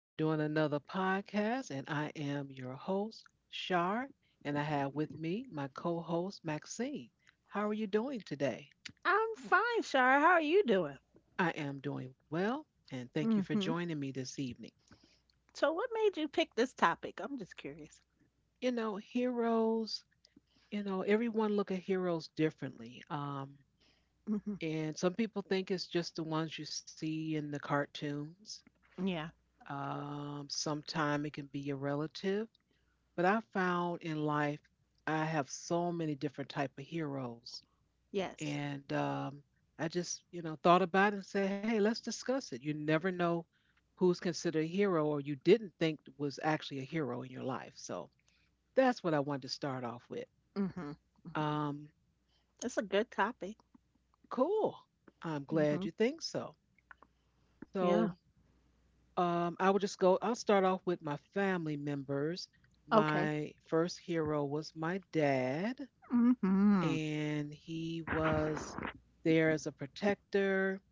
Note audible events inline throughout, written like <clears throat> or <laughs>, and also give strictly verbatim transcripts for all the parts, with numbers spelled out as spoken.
We're doing another podcast, and I am your host, Shar, and I have with me my co host, Maxine. How are you doing today? I'm fine, Shara. How are you doing? I am doing well, and thank you for Mm-hmm. joining me this evening. So, what made you pick this topic? I'm just curious. You know, heroes, you know, everyone look at heroes differently. Um, Mm-hmm. and some people think it's just the ones you see in the cartoons. Yeah. Um, sometime it can be a relative. But I found in life I have so many different type of heroes, Yes. and um, I just you know thought about it and said, hey, let's discuss it. You never know who's considered a hero or you didn't think was actually a hero in your life. So that's what I wanted to start off with. Mm-hmm. Mm-hmm. Um, It's a good topic. cool. I'm glad Mm-hmm. you think so. So Yeah. um, I will just go. I'll start off with my family members. Okay. My first hero was my dad. Mm-hmm. And he was there as a protector.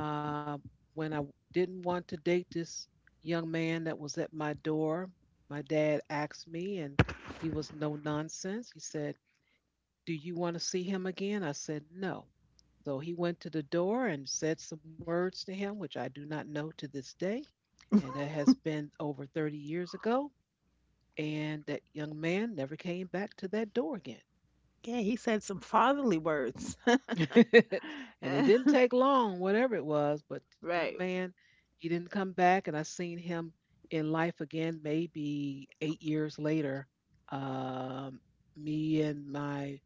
Uh, when I didn't want to date this young man that was at my door, my dad asked me, and he was no nonsense. He said, "Do you want to see him again?" I said, "No." So he went to the door and said some words to him, which I do not know to this day. And that <laughs> has been over thirty years ago. And that young man never came back to that door again. Yeah, he said some fatherly words. <laughs> And it didn't <laughs> take long, whatever it was, but the young Right. man, he didn't come back. And I seen him in life again, maybe eight years later. Um, me and my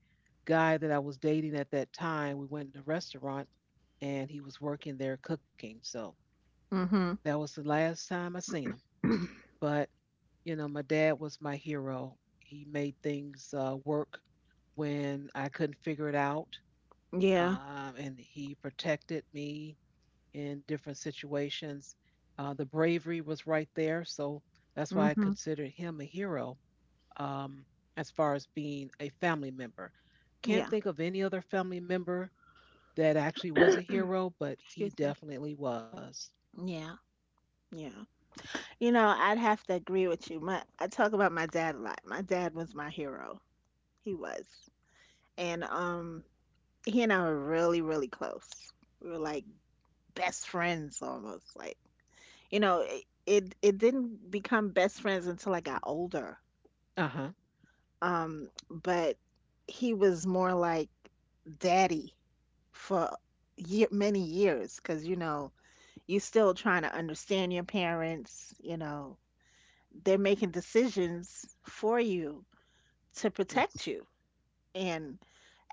guy that I was dating at that time, we went to a restaurant and he was working there cooking. So Mm-hmm. that was the last time I seen him. But, you know, my dad was my hero. He made things uh, work when I couldn't figure it out, Yeah. um, and he protected me in different situations. Uh, the bravery was right there, so that's why I Mm-hmm. considered him a hero, um, as far as being a family member. Can't Yeah. think of any other family member that actually <coughs> was a hero, but <clears throat> he Excuse me. definitely was. Yeah. Yeah. You know, I'd have to agree with you. My, I talk about my dad a lot. My dad was my hero. He was. and um he and I were really really close. We were like best friends almost, like, you know, it it, it didn't become best friends until I got older. Uh huh. Um but he was more like daddy for year, many years, because, you know, you still trying to understand your parents. You know, they're making decisions for you to Yes. protect you. And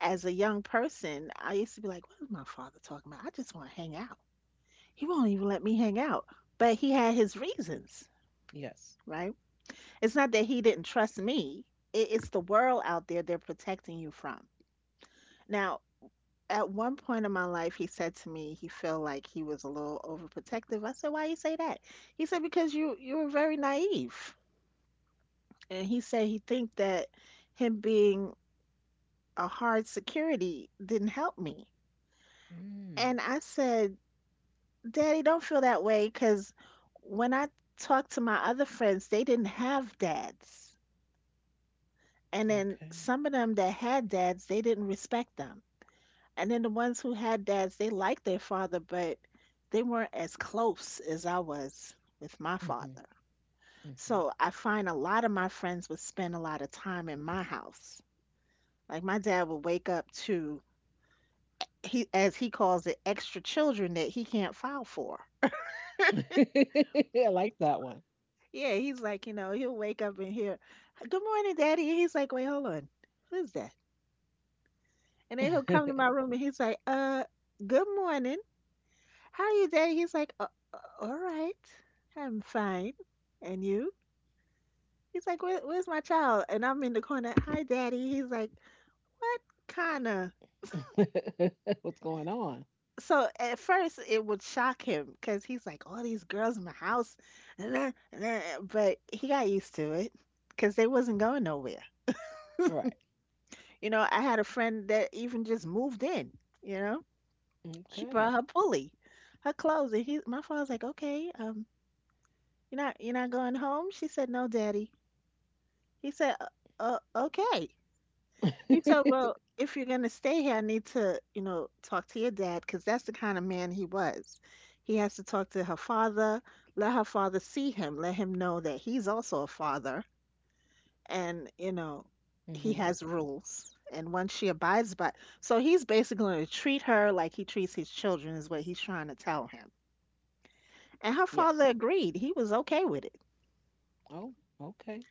as a young person, I used to be like, what is my father talking about? I just want to hang out. He won't even let me hang out. But he had his reasons, Yes. right? It's not that he didn't trust me, it, it's the world out there they're protecting you from. Now, at one point in my life, he said to me he felt like he was a little overprotective. I said, "Why you say that?" He said, "Because you you were very naive." And he said he think that him being a hard security didn't help me. Mm. And I said, Daddy, don't feel that way, because when I talked to my other friends, they didn't have dads. And then Okay. some of them that had dads, they didn't respect them. And then the ones who had dads, they liked their father, but they weren't as close as I was with my Mm-hmm. father. So I find a lot of my friends would spend a lot of time in my house. Like my dad would wake up to, he as he calls it, extra children that he can't file for. Mm-hmm. <laughs> I like that one. Yeah, he's like, you know, he'll wake up and hear, "Good morning, Daddy." And he's like, "Wait, hold on, who's that?" And then he'll come to my room and he's like, "Uh, good morning. How are you, Daddy?" He's like, uh, uh, "All right, I'm fine. And you?" He's like, Where, "Where's my child?" And I'm in the corner, "Hi, Daddy." He's like, "What kind of?" <laughs> What's going on? So at first it would shock him, because he's like, "All these girls in my house," <laughs> but he got used to it because they wasn't going nowhere. Right. You know, I had a friend that even just moved in, you know. She brought Okay. her pulley, her clothes, and he my father's like, "Okay, um, you're not you're not going home?" She said, "No, daddy." He said, uh, uh, "Okay." He said, "Well, <laughs> if you're going to stay here, I need to, you know, talk to your dad." Because that's the kind of man he was. He has to talk to her father, let her father see him, let him know that he's also a father, and, you know, he Hmm. has rules, and once she abides by, so he's basically going to treat her like he treats his children, is what he's trying to tell him. And her Yes. father agreed, he was okay with it. Oh, okay.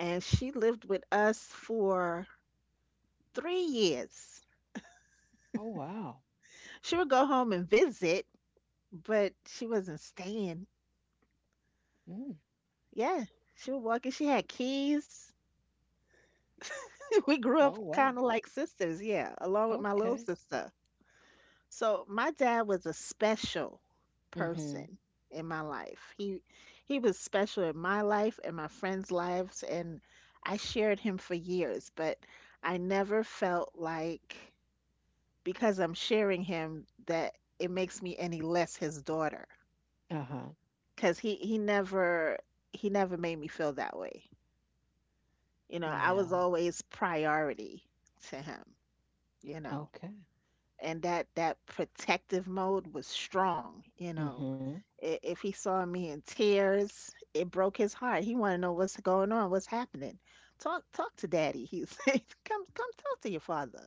And she lived with us for three years. Oh, wow. She would go home and visit, but she wasn't staying. Mm. Yeah, she would walk in, she had keys. <laughs> We grew Oh, up wow. kind of like sisters, yeah, along with my little Okay. sister. So my dad was a special Hmm. person in my life. He he was special in my life and my friends' lives, and I shared him for years, but I never felt like, because I'm sharing him, that it makes me any less his daughter, Uh-huh. cuz he he never he never made me feel that way. You know, I Yeah. was always priority to him, you know. Okay. And that that protective mode was strong, you know. Hmm. I- If he saw me in tears, it broke his heart. He want to know what's going on, what's happening. Talk, talk to daddy. He said, <laughs> come, come talk to your father.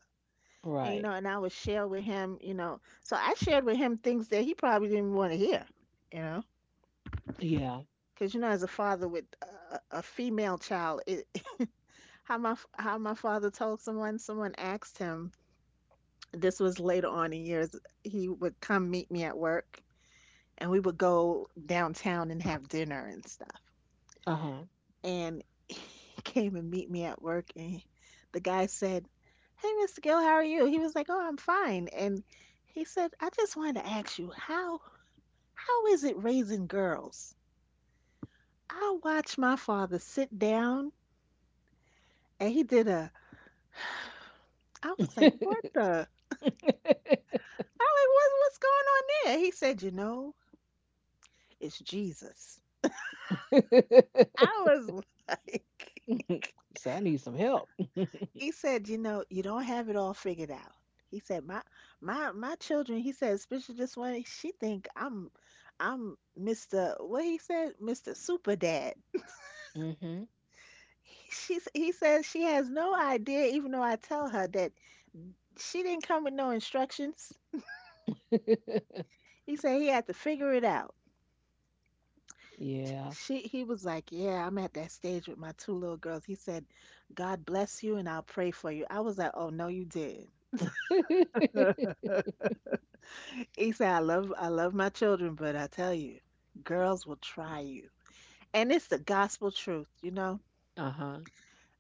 And, you Right. know, and I would share with him, you know. So I shared with him things that he probably didn't want to hear, you know. Yeah. Because, you know, as a father with a, a female child, it, <laughs> how my f- how my father told someone someone asked him, this was later on in years, he would come meet me at work, and we would go downtown and have dinner and stuff. Uh-huh. And <laughs> he came and meet me at work, and the guy said, "Hey, Mr. Gill, how are you?" He was like, "Oh, I'm fine." And he said, "I just wanted to ask you, how how is it raising girls?" I watched my father sit down, and he did a I was like what <laughs> the I was like, what, what's going on there. He said, "You know, it's Jesus." I was <laughs> like, so I need some help. he said, "You know, you don't have it all figured out." He said, my my my children, he said, especially this one, she think I'm I'm mister what he said, mister Super Dad. Hmm. He- She s- he says she has no idea. Even though I tell her that she didn't come with no instructions, <laughs> he said he had to figure it out. Yeah. She he was like, yeah, I'm at that stage with my two little girls. He said, "God bless you and I'll pray for you." I was like, "Oh no, you did." <laughs> He said, I love I love my children, but I tell you, girls will try you. And it's the gospel truth, you know. Uh-huh.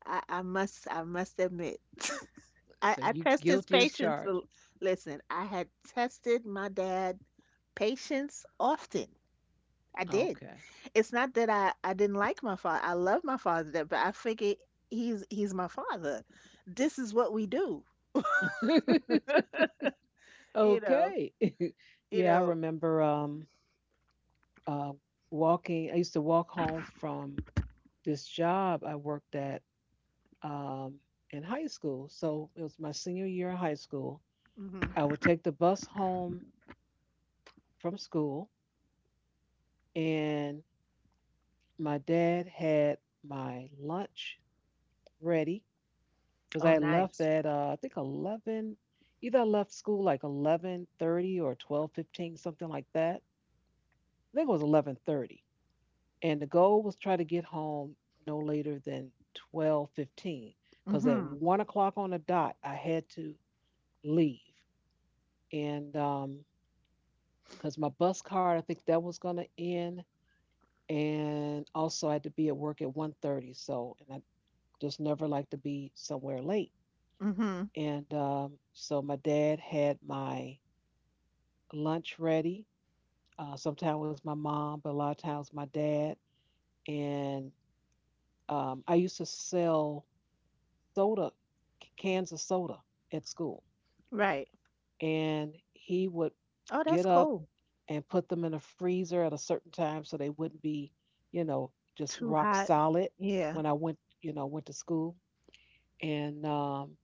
I, I must I must admit. <laughs> I, So I you test his guilty as patience. a charged. l- Listen, I had tested my dad patience often. I did. Okay. It's not that I, I didn't like my father. I love my father, there. But I figure he's he's my father. This is what we do. <laughs> You know, Okay. <laughs> you yeah, I know. remember um uh, walking. I used to walk home from this job I worked at um, in high school. So it was my senior year in high school. I Hmm. would take the bus home from school, and my dad had my lunch ready because I Oh, had left nice. at uh, I think eleven. Either I left school like eleven thirty or twelve fifteen, something like that. I think it was eleven thirty, and the goal was try to get home no later than twelve fifteen, because at Hmm. one o'clock on the dot I had to leave. And um because my bus card I think that was going to end, and also I had to be at work at one thirty. So, and I just never like to be somewhere late. Hmm. And um, so my dad had my lunch ready. Uh, sometimes it was my mom, but a lot of times my dad. And um, I used to sell soda, cans of soda, at school, Right. and he would Oh, that's get up cool. and put them in a freezer at a certain time so they wouldn't be, you know, just Too rock hot. solid Yeah. when I went, you know, went to school. And um,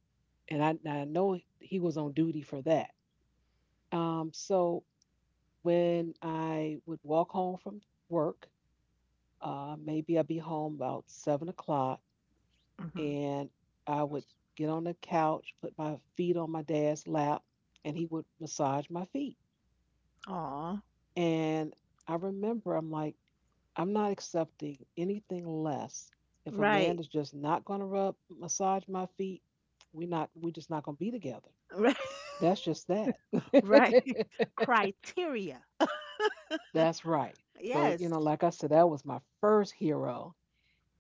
and I, I know he was on duty for that. Um, so when I would walk home from work, uh, maybe I'd be home about seven o'clock, Hmm. and I would get on the couch, put my feet on my dad's lap, and he would massage my feet. Aw. And I remember I'm like, I'm not accepting anything less. If a man Right. is just not going to rub massage my feet, we not we just not going to be together. <laughs> Right. That's just that. Right. <laughs> Criteria. <laughs> That's right. So, you know, Yes. like I said, that was my first hero.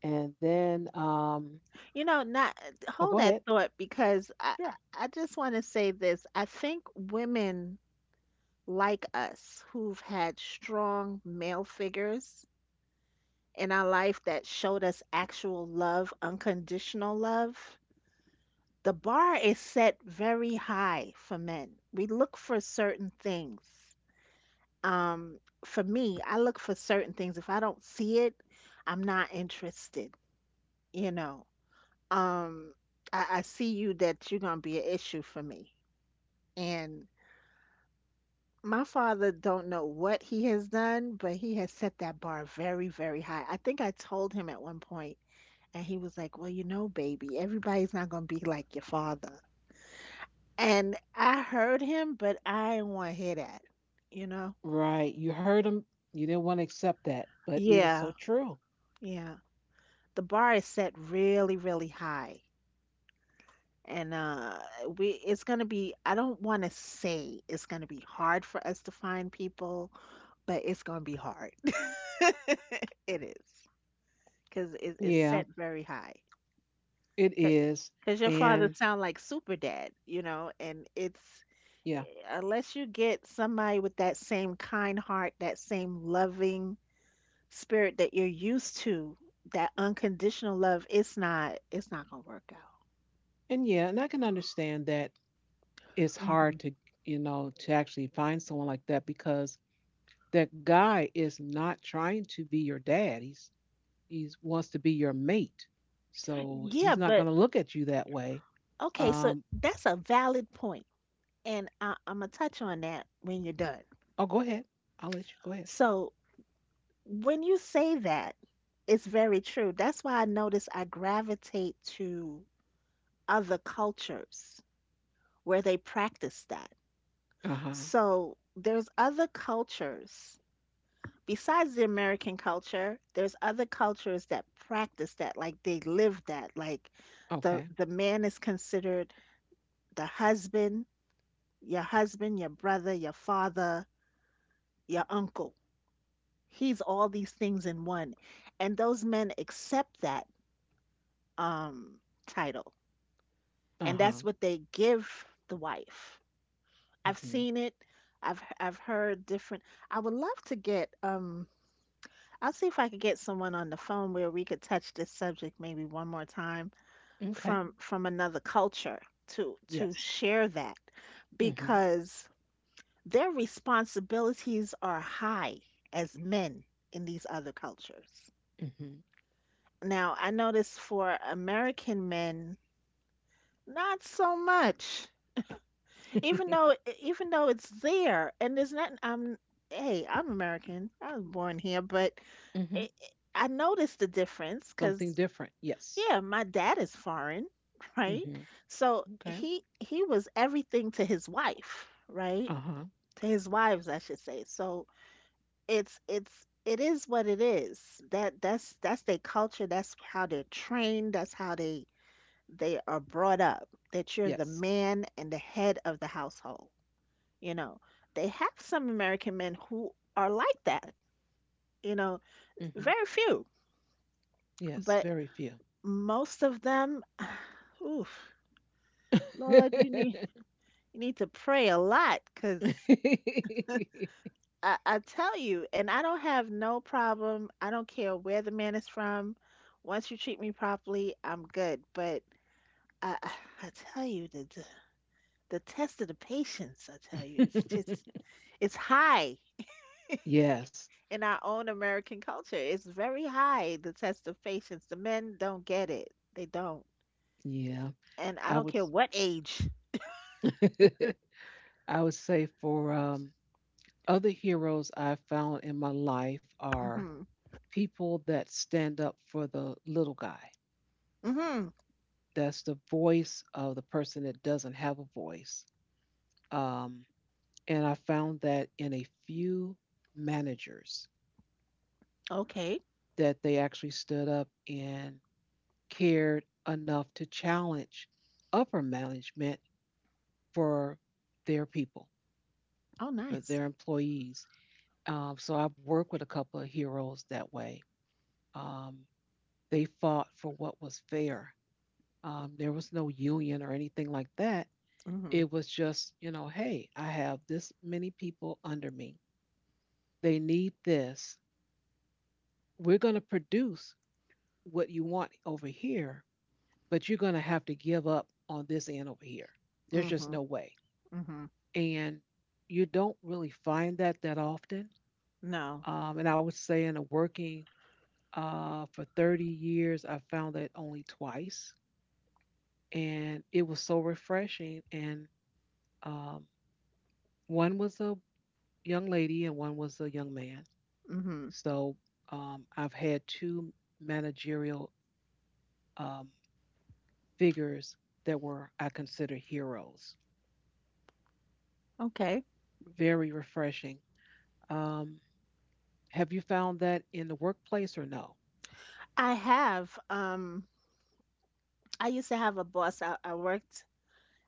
And then um You know, not oh, go hold that ahead. thought, because I Sure. I just want to say this. I think women like us, who've had strong male figures in our life that showed us actual love, unconditional love, the bar is set very high for men. We look for certain things. Um, for me, I look for certain things. If I don't see it, I'm not interested, you know. Um, I, I see you, that you're gonna be an issue for me. And my father don't know what he has done, but he has set that bar very, very high. I think I told him at one point, and he was like, "Well, you know, baby, everybody's not gonna be like your father." And I heard him, but I didn't want to hear that, you know? Right. You heard them. You didn't want to accept that, but it is so Yeah, true. yeah. The bar is set really, really high. And uh we it's going to be I don't want to say it's going to be hard for us to find people, but it's going to be hard. <laughs> It is, because it, it's Yeah, set very high. it is. Because your father And sound like super dad, you know, and it's yeah, unless you get somebody with that same kind heart, that same loving spirit that you're used to, that unconditional love, it's not it's not gonna work out. and yeah, and I can understand that it's Hmm. hard to, you know, to actually find someone like that because that guy is not trying to be your dad. He's he wants to be your mate. So Yeah, he's not going but to look at you that way. okay, so Um, that's a valid point, and I, I'm gonna touch on that when you're done. oh, go ahead. I'll let you go ahead. So when you say that, it's very true. That's why I notice I gravitate to other cultures where they practice that. Uh huh. So there's other cultures besides the American culture. There's other cultures that practice that, like they live that. Like, the Okay. the man is considered the husband, your husband, your brother, your father, your uncle. He's all these things in one. And those men accept that, um, title. Uh And huh. that's what they give the wife. I've Hmm. seen it. I've I've heard different. I would love to get, um I'll see if I could get someone on the phone where we could touch this subject maybe one more time, Okay. from from another culture, to to Yes. share that. Hmm. Because their responsibilities are high as men in these other cultures. Hmm. Now, I notice for American men, not so much. Even though <laughs> e, even though it's there, and there's nothing, I'm hey, I'm American. I was born here. But Mm-hmm. it, I noticed the difference, Something because, different. Yes. yeah, my dad is foreign, <laughs> right? Mm-hmm. So Okay. he he was everything to his wife, right? Uh huh. To his wives, I should say. So it's it's it is what it is. That that's that's their culture, that's how they're trained, that's how they they are brought up, that you're the Yes. man and the head of the household. You know, they have some American men who are like that, you know, Mm-hmm. very few, Yes. but Very few. most of them, <sighs> oof, Lord, you <laughs> need you need to pray a lot because I, I tell you, and I don't have no problem. I don't care where the man is from. Once you treat me properly, I'm good. But I, <sighs> I I tell you, the, the the test of the patience, I tell you, it's just it's high Yes. in our own American culture. It's very high, the test of patience. The men don't get it. They don't. Yeah. And I I don't would. care s- what age. <laughs> I would say for um, other heroes I've found in my life are Mm-hmm. people that stand up for the little guy. Mm-hmm. That's the voice of the person that doesn't have a voice. Um, and I found that in a few managers, Okay. that they actually stood up and cared enough to challenge upper management for their people, Oh, for nice. their employees. Um, so I've worked with a couple of heroes that way. Um, they fought for what was fair. Um, there was no union or anything like that. Mm-hmm. It was just, you know, hey, I have this many people under me. They need this. We're going to produce what you want over here, but you're going to have to give up on this end over here. There's just Mm-hmm. no way. Mm-hmm. And you don't really find that that often. No. Um, and I would say in a working uh, for thirty years, I found that only twice. And it was so refreshing. And um, one was a young lady and one was a young man. Mm-hmm. So um, I've had two managerial um, figures that were, I consider, heroes. Okay. Very refreshing. Um, Have you found that in the workplace or no? I have, um, I used to have a boss. I, I worked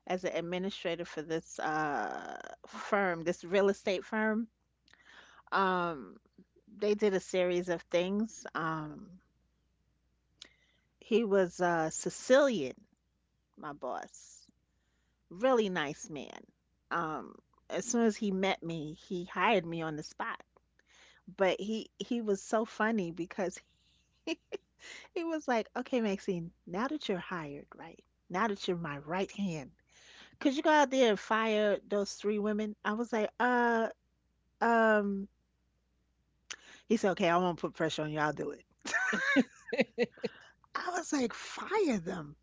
as an administrator for this uh firm, this real estate firm. Um, they did a series of things. Um, He was uh, Sicilian, my boss. Really nice man. Um, as soon as he met me, he hired me on the spot. But he he was so funny because <laughs> he, he was like, "Okay, Maxine, now that you're hired, right? Now that you're my right hand, could you go out there and fire those three women?" I was like, "Uh, um." He said, "Okay, I won't put pressure on you. I'll do it." I was like, "Fire them,"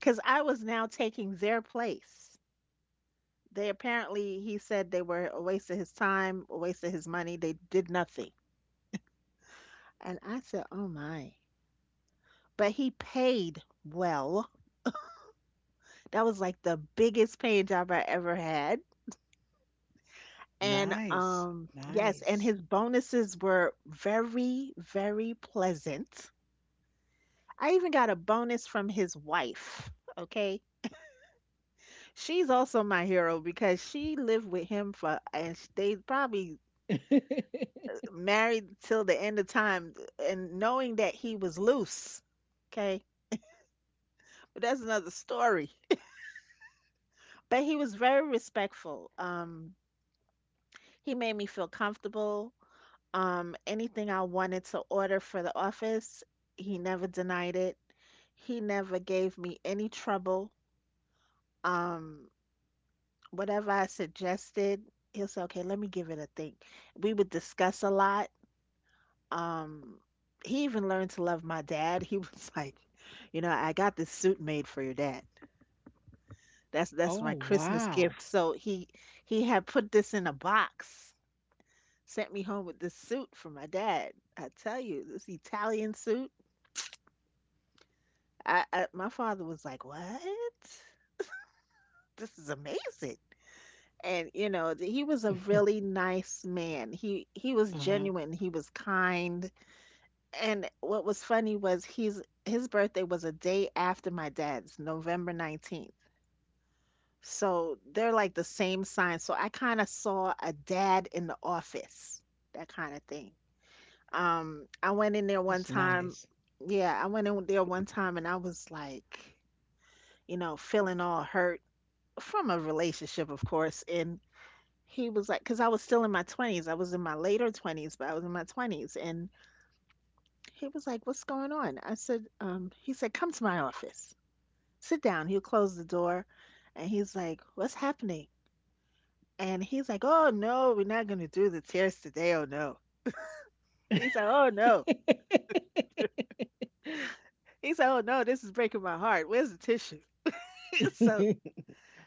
because I was now taking their place. They apparently, he said they were a waste of his time, a waste of his money. They did nothing. And I said, oh my. But he paid well. That was like the biggest paying job I ever had. And Nice. um, yes, and Nice. his bonuses were very, very pleasant. I even got a bonus from his wife. Okay. She's also my hero because she lived with him for, and sh- they probably <laughs> married till the end of time and knowing that he was loose. Okay. But that's another story. <laughs> But he was very respectful. Um, he made me feel comfortable. Um, anything I wanted to order for the office, he never denied it. He never gave me any trouble. Um, Whatever I suggested, he'll say, okay, let me give it a think. We would discuss a lot. Um, he even learned to love my dad. He was <laughs> like, you know, I got this suit made for your dad. That's that's my Oh, Christmas wow. gift. So he he had put this in a box, sent me home with this suit for my dad. I tell you, this Italian suit. I, I my father was like, "What? This is amazing." And you know, th- he was a <laughs> really nice man. He he was Uh-huh. genuine, he was kind. And what was funny was he's his birthday was a day after my dad's, November nineteenth. So they're like the same sign. So I kind of saw a dad in the office, that kind of thing. Um, I went in there one That's time. nice. Yeah, I went in there one time and I was like, you know, feeling all hurt from a relationship, of course. And he was like, because I was still in my twenties. I was in my later twenties, but I was in my twenties. And he was like, "What's going on?" I said, um, he said, "Come to my office. Sit down." He'll close the door. And he's like, "What's happening?" And he's like, "Oh, no, we're not going to do the tears today. Oh, no." He's like, "Oh, no." <laughs> He's like, "Oh, no, this is breaking my heart. Where's the tissue?" <laughs> So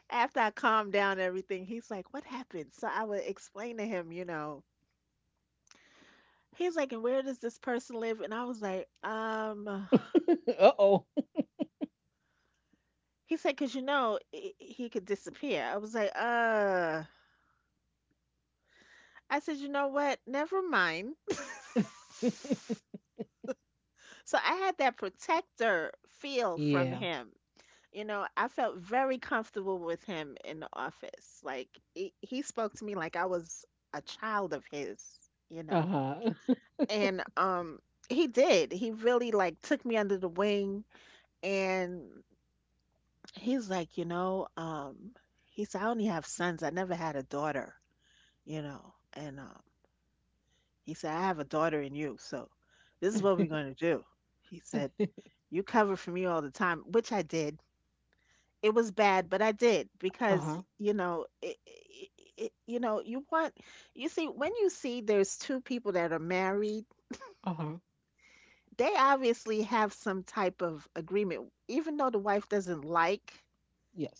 after I calmed down everything, he's like, "What happened?" So I would explain to him, you know, he's like, "And where does this person live?" And I was like, "Um," Uh-oh. he said, "Because you know, he, he could disappear." I was like, "Uh, I said, you know what? Never mind." <laughs> So I had that protector feel from Yeah. him. You know, I felt very comfortable with him in the office. Like he, he spoke to me like I was a child of his, you know. Uh-huh. And um he did. He really like took me under the wing and he's like, you know, um he said I only have sons. I never had a daughter, you know. And um he said I have a daughter in you. So this is what we're going <laughs> to do. He said you cover for me all the time, which I did. It was bad, but I did because, Uh-huh. you know, it, it, it, you know, you want you see when you see there's two people that are married, Uh-huh. they obviously have some type of agreement. Even though the wife doesn't like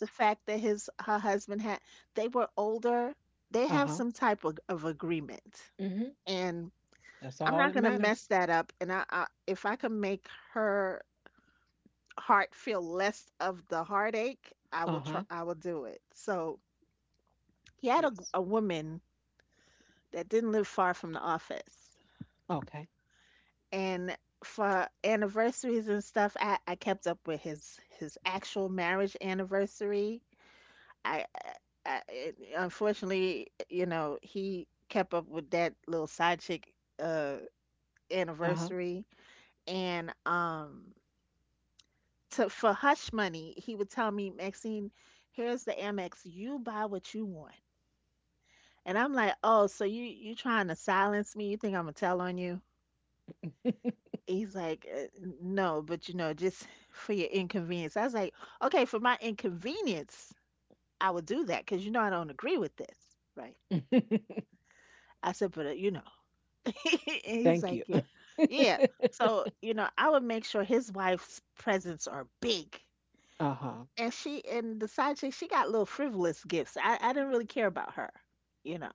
the fact that his her husband had they were older, they have Uh-huh. some type of, of agreement. Mhm. And That's I'm all not that going to mess matters. that up and I, I if I can make her heart feel less of the heartache, I will Uh try, huh. I will do it. So he had a, g- Yes. a woman that didn't live far from the office, Okay. and for anniversaries and stuff, I, I kept up with his his actual marriage anniversary. I, I, I unfortunately, you know, he kept up with that little side chick uh Uh huh. anniversary, and um, to for hush money, he would tell me, "Maxine, here's the Amex, you buy what you want." And I'm like, "Oh, so you you trying to silence me? You think Imma tell on you?" He's like, "Uh, no, but, you know, just <laughs> for your inconvenience." I was like, "Okay, for my inconvenience, I would do that, cause you know I don't agree with this." Right. I said, "But, uh, you know." <laughs> And <laughs> he's Thank like, you. "Yeah." <laughs> Yeah. So, you know, I would make sure his wife's presents are big. Uh huh. And she and the side chick, she got little frivolous gifts. I I didn't really care about her, you know.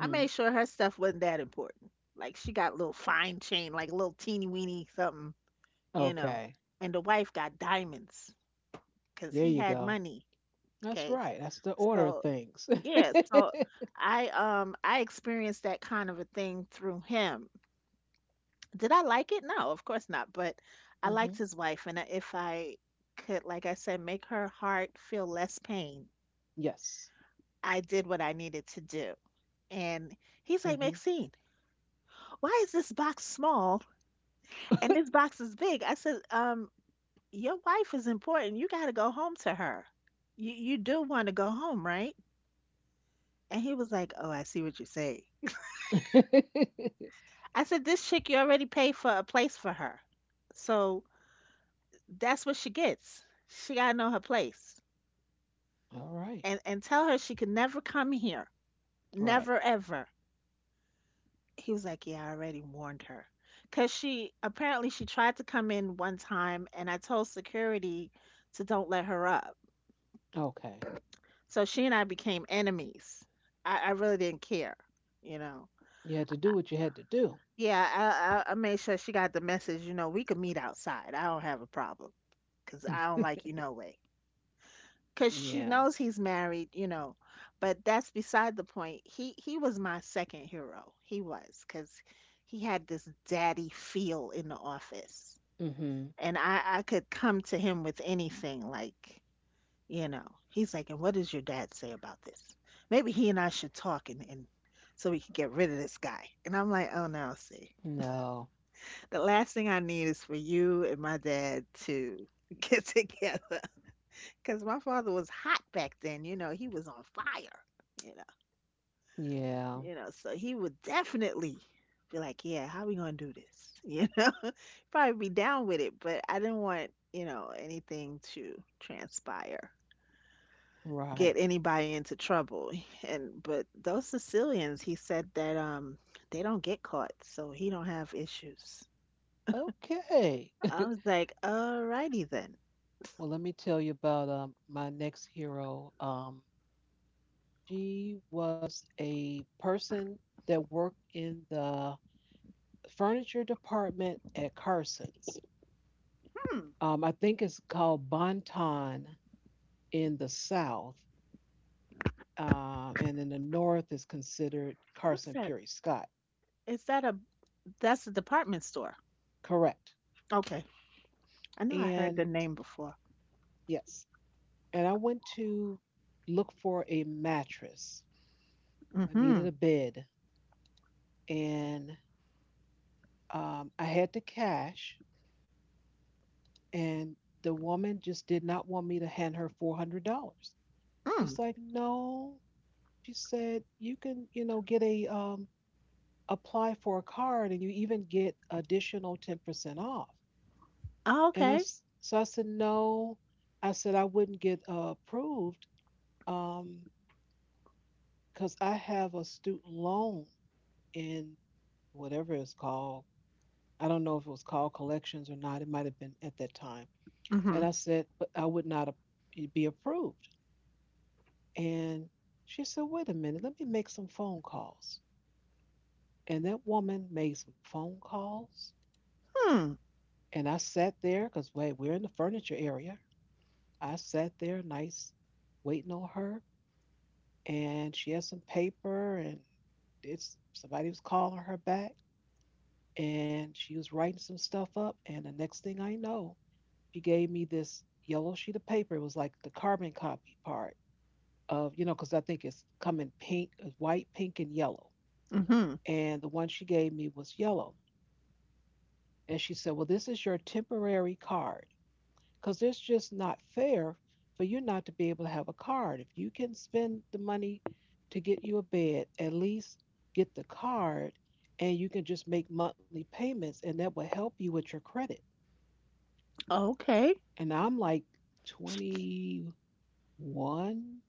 I made sure her stuff wasn't that important. Like she got little fine chain, like little teeny weeny something, you know. Okay. And the wife got diamonds because There he you had go. money. That's Okay. right. That's the order of So things. yeah, so I um I experienced that kind of a thing through him. Did I like it? No, of course not. But I <laughs> liked Hmm. his wife, and if I could, like I said, make her heart feel less pain, Yes. I did what I needed to do. And he's like, Hmm. "Maxine, why is this box small and <laughs> this box is big?" I said, "Um, your wife is important. You got to go home to her. You you do want to go home, right?" And he was like, "Oh, I see what you say." I said, "This chick, you already paid for a place for her, so that's what she gets. She gotta know her place, All right. and and tell her she could never come here, Right. never ever." He was like, "Yeah, I already warned her," cause she apparently she tried to come in one time, and I told security to don't let her up. Okay. So she and I became enemies. I, I really didn't care, you know. You had to do what you had to do. Yeah, I, I I made sure she got the message. You know, we could meet outside. I don't have a problem because I don't like <laughs> you no way. Because she Yeah. knows he's married, you know. But that's beside the point. He he was my second hero. He was because he had this daddy feel in the office, Hmm. and I I could come to him with anything like. You know, he's like, "And what does your dad say about this? Maybe he and I should talk and, and so we can get rid of this guy." And I'm like, oh no, see, No. the last thing I need is for you and my dad to get <laughs> together because my father was hot back then. You know, he was on fire. You Yeah. know, you know, so he would definitely be like, yeah, how we gonna do this? <laughs> You know, probably be down with it, but I didn't want you know anything to transpire, get Right. anybody into trouble. And but those Sicilians, he said that um they don't get caught, so he don't have issues. Okay. I was like, alrighty then. Well, let me tell you about um, my next hero. Um, she was a person that worked in the furniture department at Carson's. Hmm, Um, I think it's called Bonton in the South, uh, and in the North is considered what's Carson that? Peary Scott. Is that a that's a department store? Correct. Okay, I know I heard And the name before. yes, and I went to look for a mattress. I Mm-hmm. needed a bed, and um, I had the cash. And the woman just did not want me to hand her four hundred dollars. She's Mm. like, no. She said, you can, you know, get a, um, apply for a card and you even get additional ten percent off. Oh, And I, okay. s- so I said, no. I said, I wouldn't get uh, approved, um, because I have a student loan in whatever it's called. I don't know if it was called collections or not. It might have been at that time. Mm-hmm. And I said, but I would not a- be approved. And she said, wait a minute, let me make some phone calls. And that woman made some phone calls. Hmm. And I sat there because we're in the furniture area. I sat there nice, waiting on her. And she had some paper and it's somebody was calling her back. And she was writing some stuff up. And the next thing I know, she gave me this yellow sheet of paper. It was like the carbon copy part of, you know, because I think it's coming pink, white, pink, and yellow. Mm-hmm. And the one she gave me was yellow. And she said, "Well, this is your temporary card because it's just not fair for you not to be able to have a card. If you can spend the money to get you a bed, at least get the card and you can just make monthly payments and that will help you with your credit." Okay. And I'm like She, twenty-one,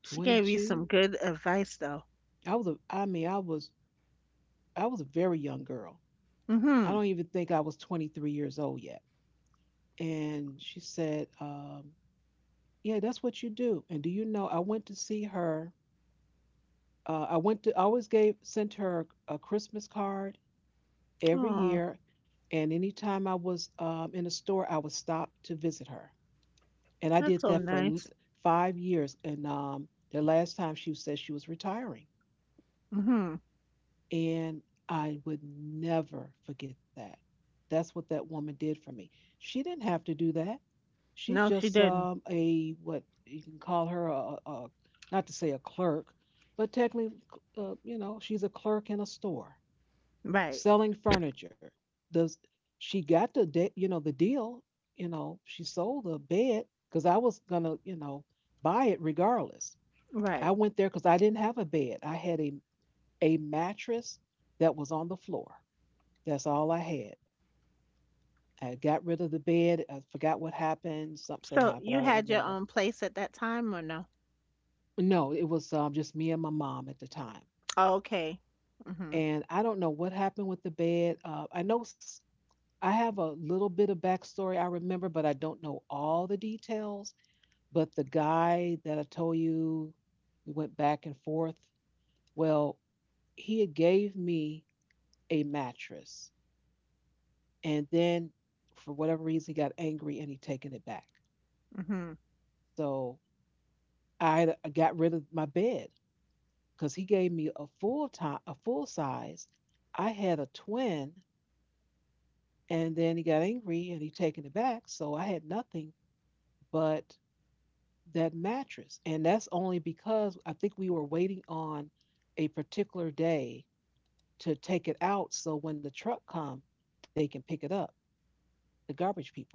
she gave you some twenty-two. good advice though. I was a, I mean, I was I was a very young girl. I don't Mm-hmm. even think I was twenty-three years old yet. And she said, um, "Yeah, that's what you do." And do you know? I went to see her. Uh, I went to. I always gave sent her a Christmas card every Oh, year, and anytime I was um, in the store, I would stop to visit her, and I that's did so that for l- nice. five years. And um, the last time she said she was retiring. Mm-hmm. And I would never forget that. That's what that woman did for me. She didn't have to do that. She's No, she just didn't. um, a what you can call her a, a not to say a clerk, but technically, uh, you know, she's a clerk in a store Right. selling furniture. Does she got the de- you know the deal? You know, she sold a bed because I was gonna you know buy it regardless. I Right. went there because I didn't have a bed. I had a a mattress that was on the floor. That's all I had. I got rid of the bed. I forgot what happened. Something So happened. you I don't had your remember. own place at that time or no? No, it was um, just me and my mom at the time. Oh, okay. Mhm. And I don't know what happened with the bed. Uh, I know s- I have a little bit of backstory I remember, but I don't know all the details. But the guy that I told you we went back and forth, well, he had gave me a mattress, and then for whatever reason he got angry and he taken it back. Mhm. So I got rid of my bed because he gave me a full time a full size. I had a twin and then he got angry and he taken it back. So I had nothing but that mattress. And that's only because I think we were waiting on a particular day to take it out so when the truck come they can pick it up, the garbage people.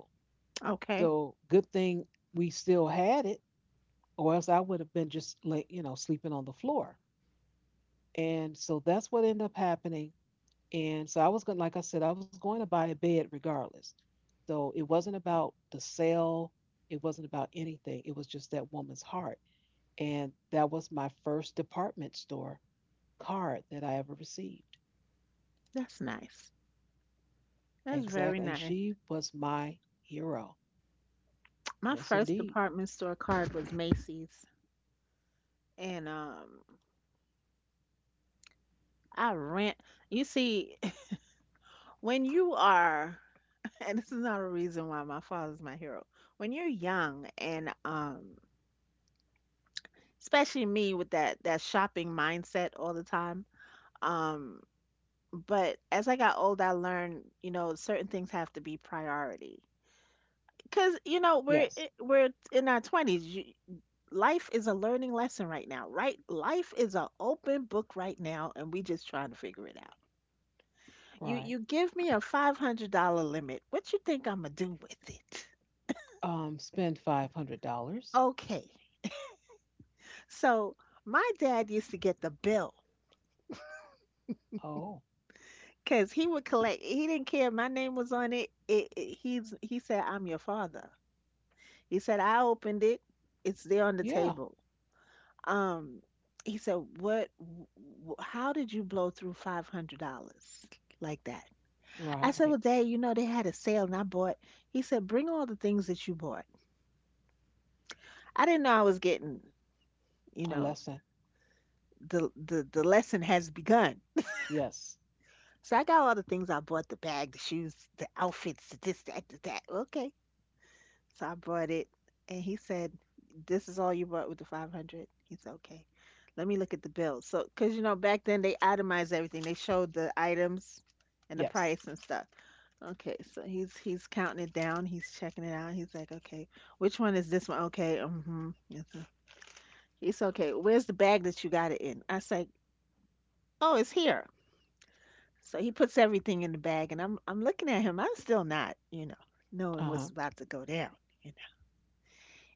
Okay. So good thing we still had it or else I would have been just like you know sleeping on the floor. And so that's what ended up happening. And so I was going, to like I said, I was going to buy a bed regardless. So it wasn't about the sale, it wasn't about anything. It was just that woman's heart, and that was my first department store card that I ever received. That's nice. That's Exactly, very and she nice. was my hero. My Yes, first indeed. department store card was Macy's and um I rent. You see, <laughs> when you are <laughs> and this is not a reason why my father's my hero. When you're young and um especially me with that that shopping mindset all the time, um but as I got old I learned, you know, certain things have to be priority. Cause you know we're Yes, i- we're in our twenties. You- life is a learning lesson right now, right? Life is an open book right now, and we just trying to figure it out. You right. you give me a five hundred dollar limit. What you think I'm gonna do with it? Um, spend five hundred dollars. Okay, so my dad used to get the bill Oh, because he would collect. He didn't care my name was on it. It, it. He's he said I'm your father. He said I opened it. It's there on the yeah, table. Um, he said, "What? w- How did you blow through five hundred dollars like that?" I right. said, "Well, Dad, you know they had a sale, and I bought." He said, "Bring all the things that you bought." I didn't know I was getting, you A know, lesson. the the the lesson has begun. Yes. So I got all the things I bought: the bag, the shoes, the outfits, the this, that, the that. Okay. So I brought it, and he said, "This is all you brought with the five hundred." He said, "Okay, let me look at the bill." So, because you know, back then they itemized everything. They showed the items and the Yes. price and stuff. Okay, so he's he's counting it down. He's checking it out. He's like, "Okay, which one is this one?" Okay, mm-hmm. He's okay. Where's the bag that you got it in? I say, "Oh, it's here." So he puts everything in the bag, and I'm I'm looking at him. I'm still not, you know, knowing Uh-huh. what's about to go down.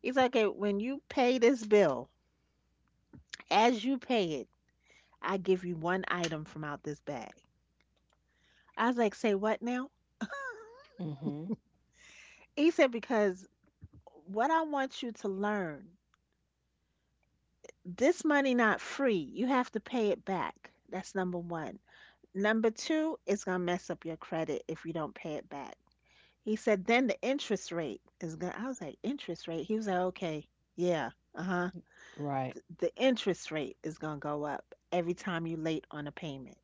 He's like, okay, when you pay this bill, as you pay it, I give you one item from out this bag. I was like, say what now? <laughs> Mm-hmm. He said, because what I want you to learn, this money not free. You have to pay it back. That's number one. Number two, it's gonna mess up your credit if you don't pay it back. He said, then the interest rate is gonna. I was like, interest rate. He was like, okay, yeah, uh huh. Right. The interest rate is gonna go up every time you late on a payment.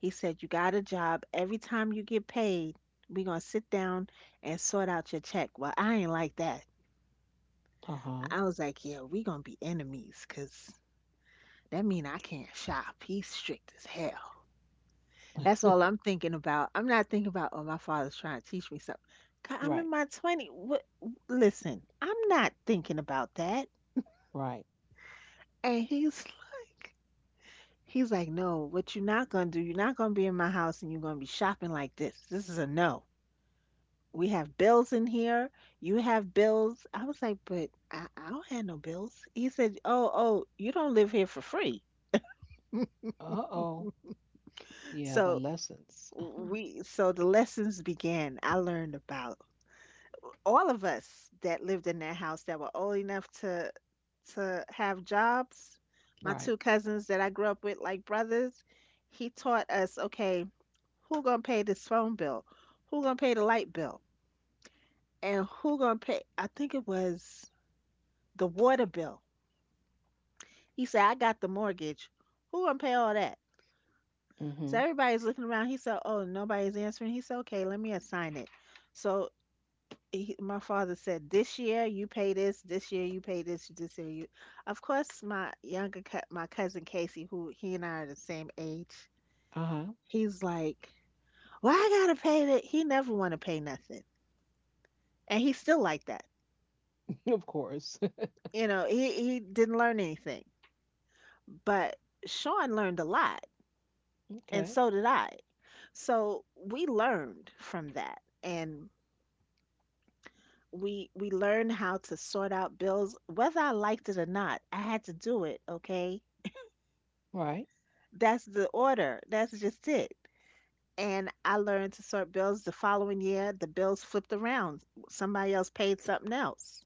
He said, you got a job. Every time you get paid, we going to sit down and sort out your check. Well, I ain't like that. Uh-huh. I was like, yeah, we going to be enemies, 'cause that mean I can't shop. He's strict as hell. That's all I'm thinking about. I'm not thinking about, oh, my father's trying to teach me something. God, Right. I'm in my twenties. What? Listen, I'm not thinking about that. Right. And he's <laughs> like, he's like, no, what you're not going to do, you're not going to be in my house and you're going to be shopping like this. This is a no. We have bills in here. You have bills. I was like, but I, I don't have no bills. He said, oh, oh, you don't live here for free. Uh-oh. Yeah, the So lessons. <laughs> we, so the lessons began. I learned about all of us that lived in that house that were old enough to to have jobs. My Right. two cousins that I grew up with like brothers, he taught us, okay, who gonna pay this phone bill? Who gonna pay the light bill? And who gonna pay? I think it was the water bill. He said, I got the mortgage. Who gonna pay all that? Mm-hmm. So everybody's looking around. He said, oh, nobody's answering. He said, okay, let me assign it. So he, my father said, this year you pay this, this year you pay this, this year you. Of course, my younger, cou- my cousin Casey, who he and I are the same age, Uh-huh. he's like, well, I gotta pay that. He never wanna pay nothing. And he's still like that. <laughs> Of course. <laughs> You know, he, he didn't learn anything. But Sean learned a lot, and Okay. so did I. So we learned from that, and we we learned how to sort out bills whether I liked it or not. I had to do it, okay? Right. That's the order. That's just it. And I learned to sort bills the following year. The bills flipped around. Somebody else paid something else.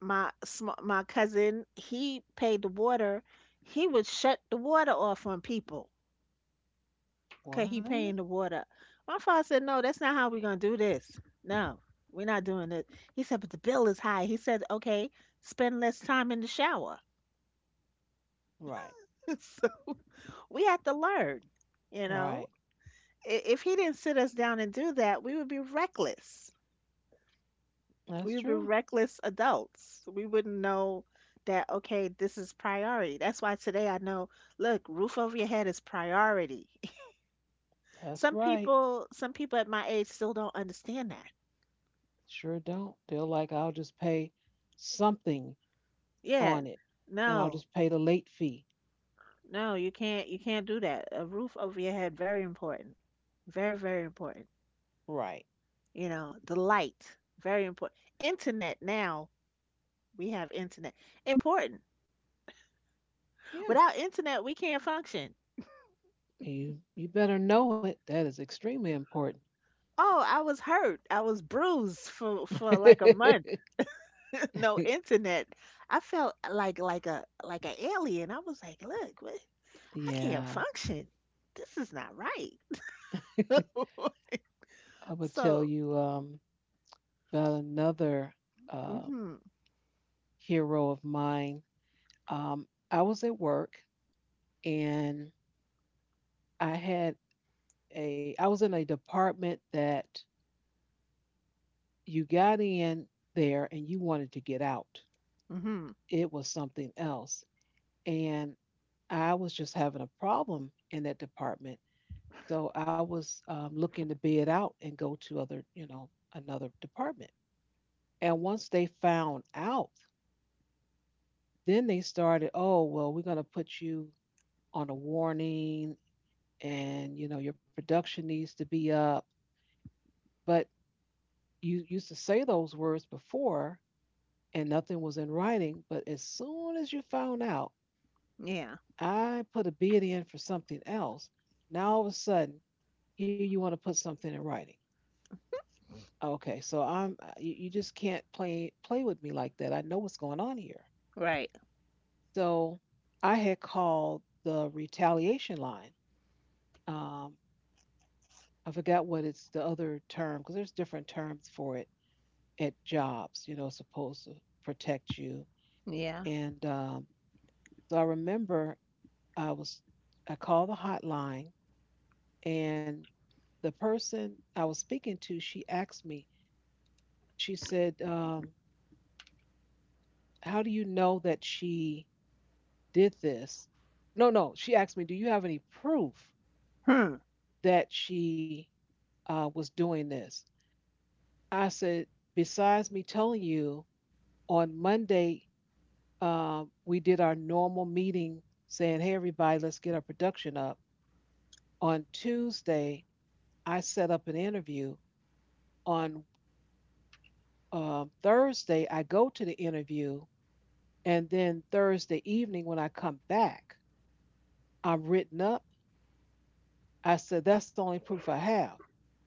My sm- my cousin, he paid the water. He would shut the water off on people cause he What? paying the water. My father said, no, that's not how we're gonna do this. No, we're not doing it. He said, but the bill is high. He said, okay, spend less time in the shower. Right. <laughs> So we have to learn, you know. Right. I- If he didn't sit us down and do that, we would be reckless. We That's would be true. reckless adults. We wouldn't know that, okay, this is priority. That's why today I know, look, roof over your head is priority. <laughs> That's some right. people some people at my age still don't understand that. Sure don't. They're like, I'll just pay something Yeah, on it and I'll no, just pay the late fee. no, you can't you can't do that. A roof over your head, very important. Very, very important. Right. You know, the light, very important. Internet now, we have internet. Important. Yeah. Without internet, we can't function. You you better know it. That is extremely important. Oh, I was hurt. I was bruised for for like a month. <laughs> No <laughs> internet. I felt like like a like an alien. I was like, look, what? I can't Yeah. function. This is not right. <laughs> I <laughs> would tell So, you um, about another uh, mhm, hero of mine. Um, I was at work, and I had a, I was in a department that you got in there and you wanted to get out. mhm. It was something else. And I was just having a problem in that department. So I was um, looking to bid out and go to other, you know, another department. And once they found out, then they started, oh, well, we're going to put you on a warning and, you know, your production needs to be up. But you used to say those words before and nothing was in writing. But as soon as you found out, Yeah, I put a bid in for something else. Now all of a sudden, here you want to put something in writing. Okay, so I'm uh, you, you just can't play play with me like that. I know what's going on here. right. So I had called the retaliation line. Um, I forgot what it's the other term because there's different terms for it at jobs. You know, supposed to protect you. Yeah. And um, so I remember I was I called the hotline, and the person I was speaking to, she asked me. She said, um, "How do you know that she did this?" No, no. She asked me, "Do you have any proof Hmm. that she uh, was doing this?" I said, "Besides me telling you on Monday um, we did our normal meeting saying, hey, everybody, let's get our production up. On Tuesday, I set up an interview. On um, Thursday, I go to the interview. And then Thursday evening, when I come back, I'm written up. I said, that's the only proof I have.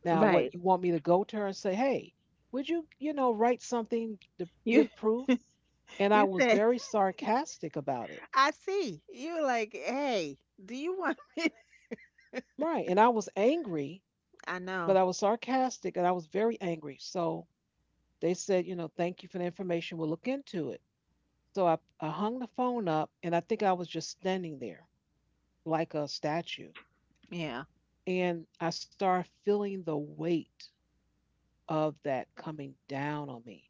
Now, what Right. you want me to go to her and say, hey, would you, you know, write something to You give proof?" And I you was said very sarcastic about it. I see. You were like, hey, do you want <laughs> me? Right. And I was angry, I but I know. was sarcastic, and I was very angry. So they said, you know, thank you for the information. We'll look into it. So I, I hung the phone up, and I think I was just standing there like a statue. Yeah. And I started feeling the weight of that coming down on me.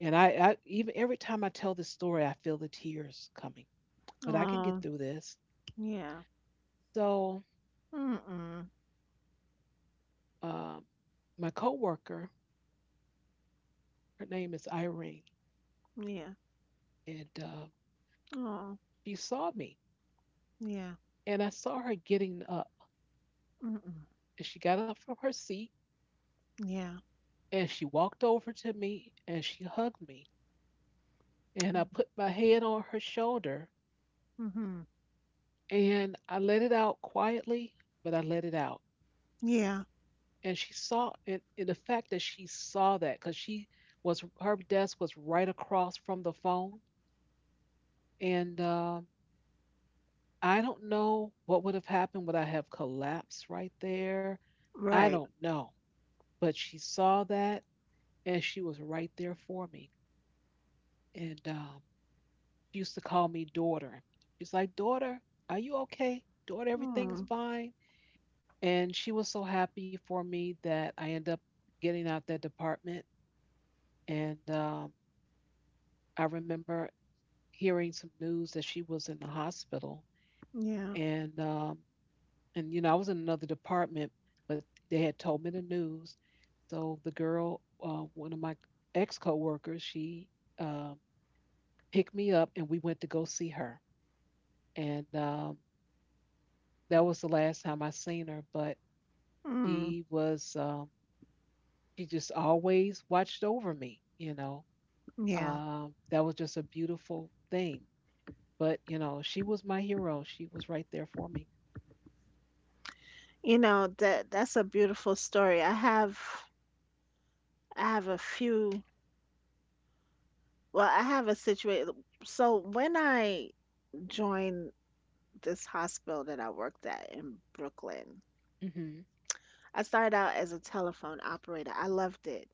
And I, I even every time I tell this story, I feel the tears coming, but I can Oh, get through this. yeah. So Mm-mm. um, my coworker, her name is Irene, Yeah. and uh, Oh, she saw me, yeah. and I saw her getting up. Mm-mm. And she got up from her seat, Yeah. and she walked over to me and she hugged me. And I put my head on her shoulder Mm-hmm. and I let it out quietly, but I let it out. Yeah. And she saw, and, and the fact that she saw that, because she was her desk was right across from the phone. And um I don't know what would have happened. Would I have collapsed right there? I Right. don't know. But she saw that, and she was right there for me. And um she used to call me daughter. She's like, daughter, are you okay? Daughter, everything is Mm. fine. And she was so happy for me that I ended up getting out that department. And um, I remember hearing some news that she was in the hospital. Yeah. And um, and you know, I was in another department, but they had told me the news. So the girl, uh, one of my ex coworkers, she um, picked me up, and we went to go see her. And um, that was the last time I seen her, but Mm. she was um, she just always watched over me. You know, Yeah. um, that was just a beautiful thing. But you know, she was my hero. She was right there for me. You know that that's a beautiful story. I have I have a few. Well, I have a situation. So when I joined this hospital that I worked at in Brooklyn, Mm-hmm. I started out as a telephone operator. I loved it.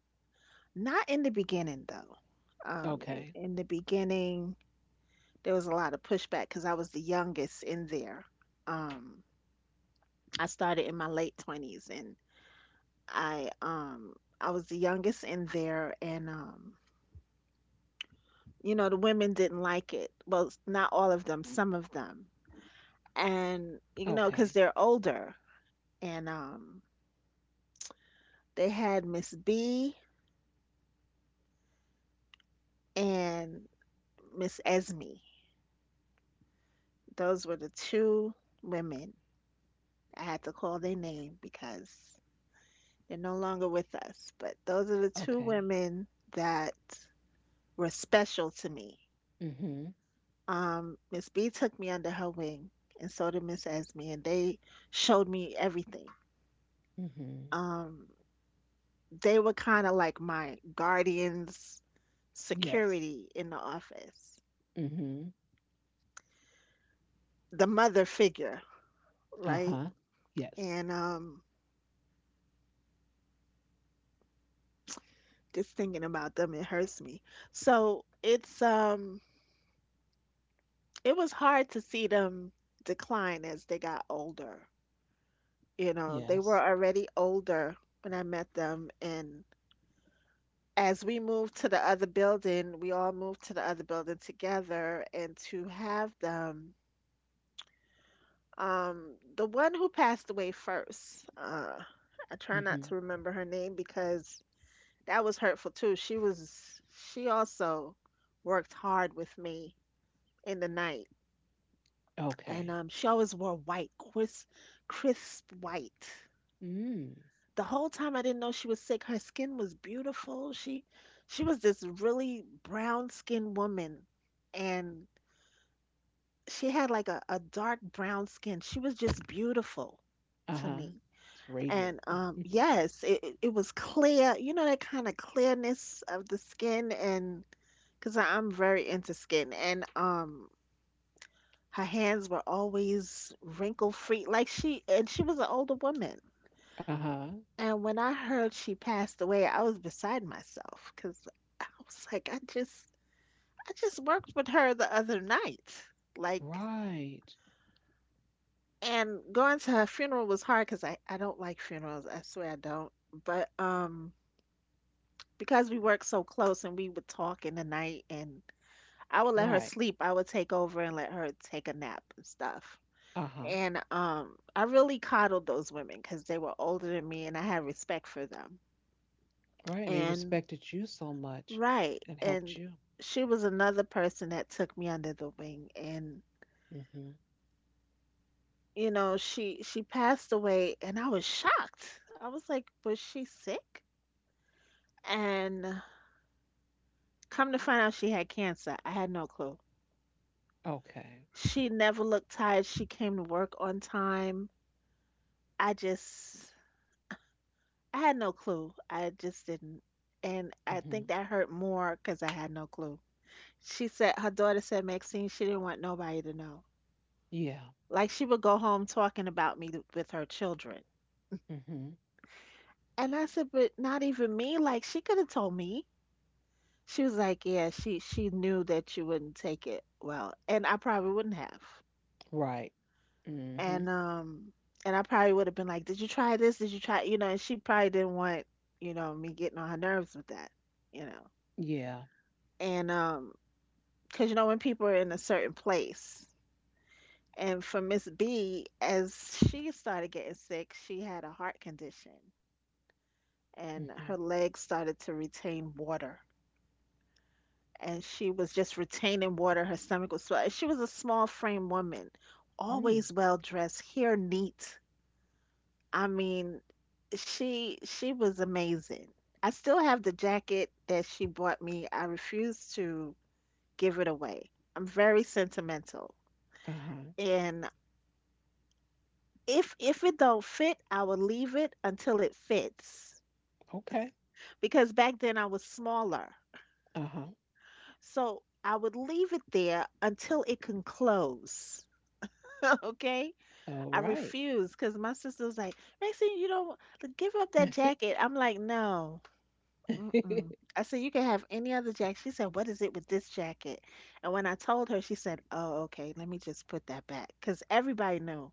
Not in the beginning, though. Um, in, Okay, in the beginning, there was a lot of pushback because I was the youngest in there. Um, I started in my late twenties, and I um, I was the youngest in there, and um, you know, the women didn't like it. Well, not all of them, some of them. And you know, because okay, they're older, and um, they had Miss B and Miss Esme. Those were the two women. I had to call their name because they're no longer with us. But those are the two okay. women that were special to me. Mm-hmm. Um, Miss B took me under her wing, and so did Miss Esme, and they showed me everything. Mm-hmm. Um, they were kind of like my guardians, Yes. security in the office, Mm-hmm. the mother figure, Uh right? huh. Yes. And um, just thinking about them, it hurts me. So it's um it was hard to see them decline as they got older. You know, they were Yes. already older when I met them. And as we moved to the other building, we all moved to the other building together. And to have them, um, the one who passed away first, uh, I try not Mm-hmm. to remember her name because that was hurtful too. She was, she also worked hard with me in the night, and Okay. um, she always wore white, crisp, crisp white. Mm. The whole time I didn't know she was sick. Her skin was beautiful. She, she was this really brown skinned woman, and she had like a, a dark brown skin. She was just beautiful Uh to huh. me. It's radiant. And <laughs> um, yes, it, it it was clear. You know that kind of clearness of the skin, and because I'm very into skin, and um, her hands were always wrinkle free. Like she, and she was an older woman. Uh huh. And when I heard she passed away, I was beside myself because I was like, I just, I just worked with her the other night. Like, Right. and going to her funeral was hard because I, I don't like funerals. I swear I don't. But, um, because we worked so close, and we would talk in the night, and I would let her Right. sleep, I would take over and let her take a nap and stuff. Uh huh. And um, I really coddled those women because they were older than me, and I had respect for them. Right, and they And respected you so much right. and And helped you. she was another person that took me under the wing. And, Mm-hmm. you know, she she passed away, and I was shocked. I was like, was she sick? And come to find out she had cancer. I had no clue. Okay. She never looked tired. She came to work on time. I just I had no clue. I just didn't. And I Mm-hmm. think that hurt more because I had no clue. She said her daughter said Maxine she didn't want nobody to know. Yeah. Like she would go home talking about me th- with her children. Mm-hmm. And I said, but not even me. Like she could have told me. She was like, yeah, she she knew that you wouldn't take it well, and I probably wouldn't have. Right. Mm-hmm. And um and I probably would have been like, did you try this? Did you try? You know, and she probably didn't want you know me getting on her nerves with that. You know. Yeah. And um because you know when people are in a certain place, and for Miss B, as she started getting sick, she had a heart condition, and Mm-hmm. her legs started to retain water, and she was just retaining water, her stomach was swell. She was a small frame woman, Mm. always well dressed, hair neat. I mean, she she was amazing. I still have the jacket that she bought me. I refuse to give it away. I'm very sentimental. Uh-huh. And if if it don't fit, I will leave it until it fits. Okay. Because back then I was smaller. Uh-huh. So I would leave it there until it can close. <laughs> Okay? All I right. refused because my sister was like, Maxine, you don't give up that jacket. I'm like, no. Mm-mm. <laughs> I said, you can have any other jacket. She said, what is it with this jacket? And when I told her, she said, oh, okay, let me just put that back. Because everybody knew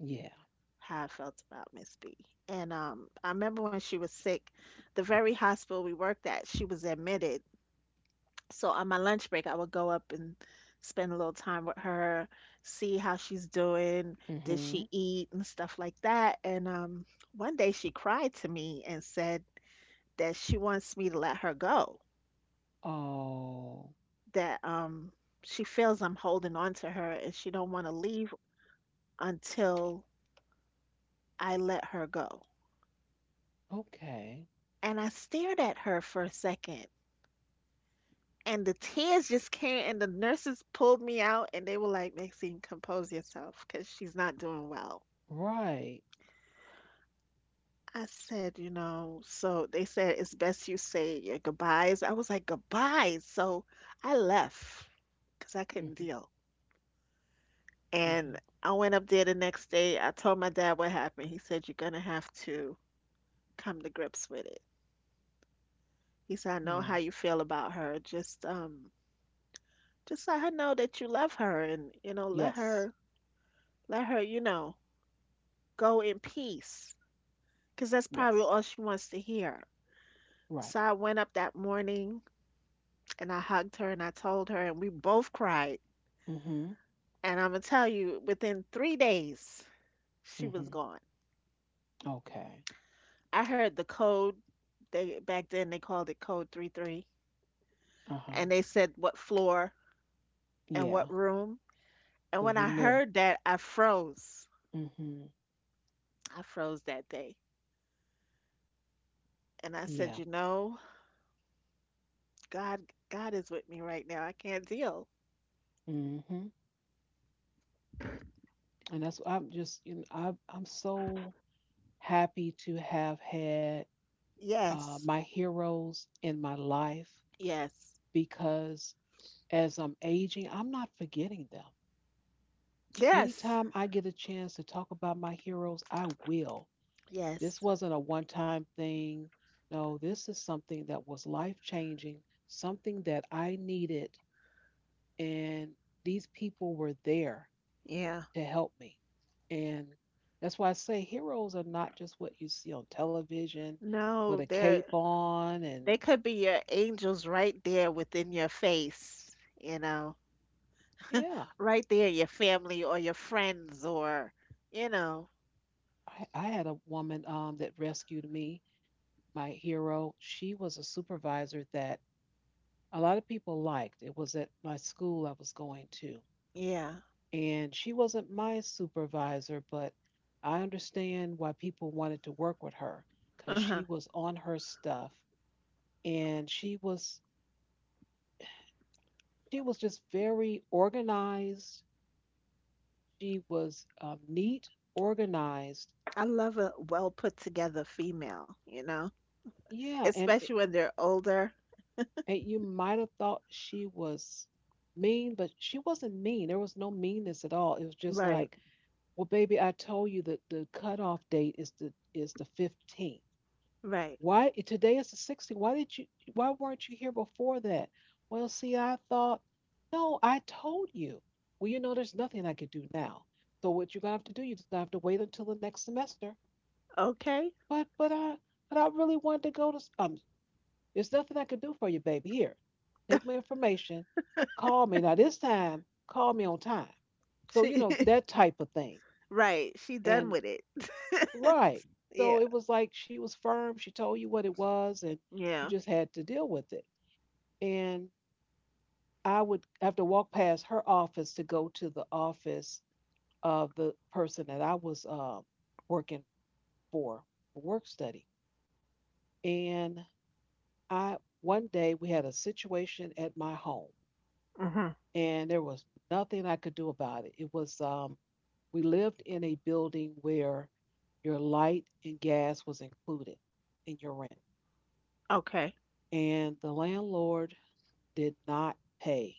Yeah. how I felt about Miss B. And um, I remember when she was sick, the very hospital we worked at, she was admitted. So on my lunch break, I would go up and spend a little time with her, see how she's doing, did Mm-hmm. she eat, and stuff like that. And um, one day she cried to me and said that she wants me to let her go, Oh, that um, she feels I'm holding on to her and she don't want to leave until I let her go. okay. And I stared at her for a second, and the tears just came, and the nurses pulled me out and they were like, Maxine, compose yourself, because she's not doing well. Right. I said, you know, so they said, it's best you say your goodbyes. I was like, goodbyes? So I left, because I couldn't Mm-hmm. deal. And Mm-hmm. I went up there the next day. I told my dad what happened. He said, you're gonna have to come to grips with it. He said, I know how Yeah. you feel about her, just um just let her know that you love her, and you know, let Yes. her, let her, you know, go in peace. Because that's probably Yes. all she wants to hear. Right. So I went up that morning and I hugged her and I told her, and we both cried. Mm-hmm. And I'm going to tell you, within three days, she was Mm-hmm. gone. Okay. I heard the code. They Back then they called it code three three, Uh-huh. and they said what floor and what Yeah. room. And So when you I knew. heard that, I froze. Mm-hmm. I froze that day. And I Yeah. said, "You know, God God is with me right now. I can't deal." hmm And that's I'm just, you know I I'm so happy to have had uh, Yes. my heroes in my life, Yes. because as I'm aging, I'm not forgetting them. Yes. Anytime I get a chance to talk about my heroes, I will. This Yes. wasn't a one-time thing. No, this is something that was life-changing, something that I needed, and these people were there Yeah. to help me. And that's why I say heroes are not just what you see on television with No, a they're, cape on. And they could be your angels right there within your face, you know, yeah, right there, your family or your friends, or, you know, I, I had a woman um, that rescued me, my hero. She was a supervisor that a lot of people liked. It was at my school I was going to. yeah. And she wasn't my supervisor, but I understand why people wanted to work with her because she Uh-huh. was on her stuff, and she was she was just very organized. She was um, neat, organized. I love a well put together female, you know, Yeah, and it- especially when they're older. and you might have thought she was mean, but she wasn't mean. There was no meanness at all. It was just Right, like, well, baby, I told you that the cutoff date is the is the fifteenth. right. Why today is the sixteenth? Why did you? Why weren't you here before that? Well, see, I thought, no, I told you. Well, you know, there's nothing I could do now. So what you're gonna have to do, you just gonna have to wait until the next semester. Okay. But but I but I really wanted to go to s- um There's nothing I could do for you, baby. Here, take my information, call me. Now this time, call me on time. So, you She, know, <laughs> that type of thing. right, she done And with it. <laughs> right. So Yeah. it was like she was firm, she told you what it was, and you Yeah. just had to deal with it. And I would have to walk past her office to go to the office of the person that I was uh, working for, for work study. And I one day we had a situation at my home, Mm-hmm. and there was nothing I could do about it. It was um We lived in a building where your light and gas was included in your rent. Okay. And the landlord did not pay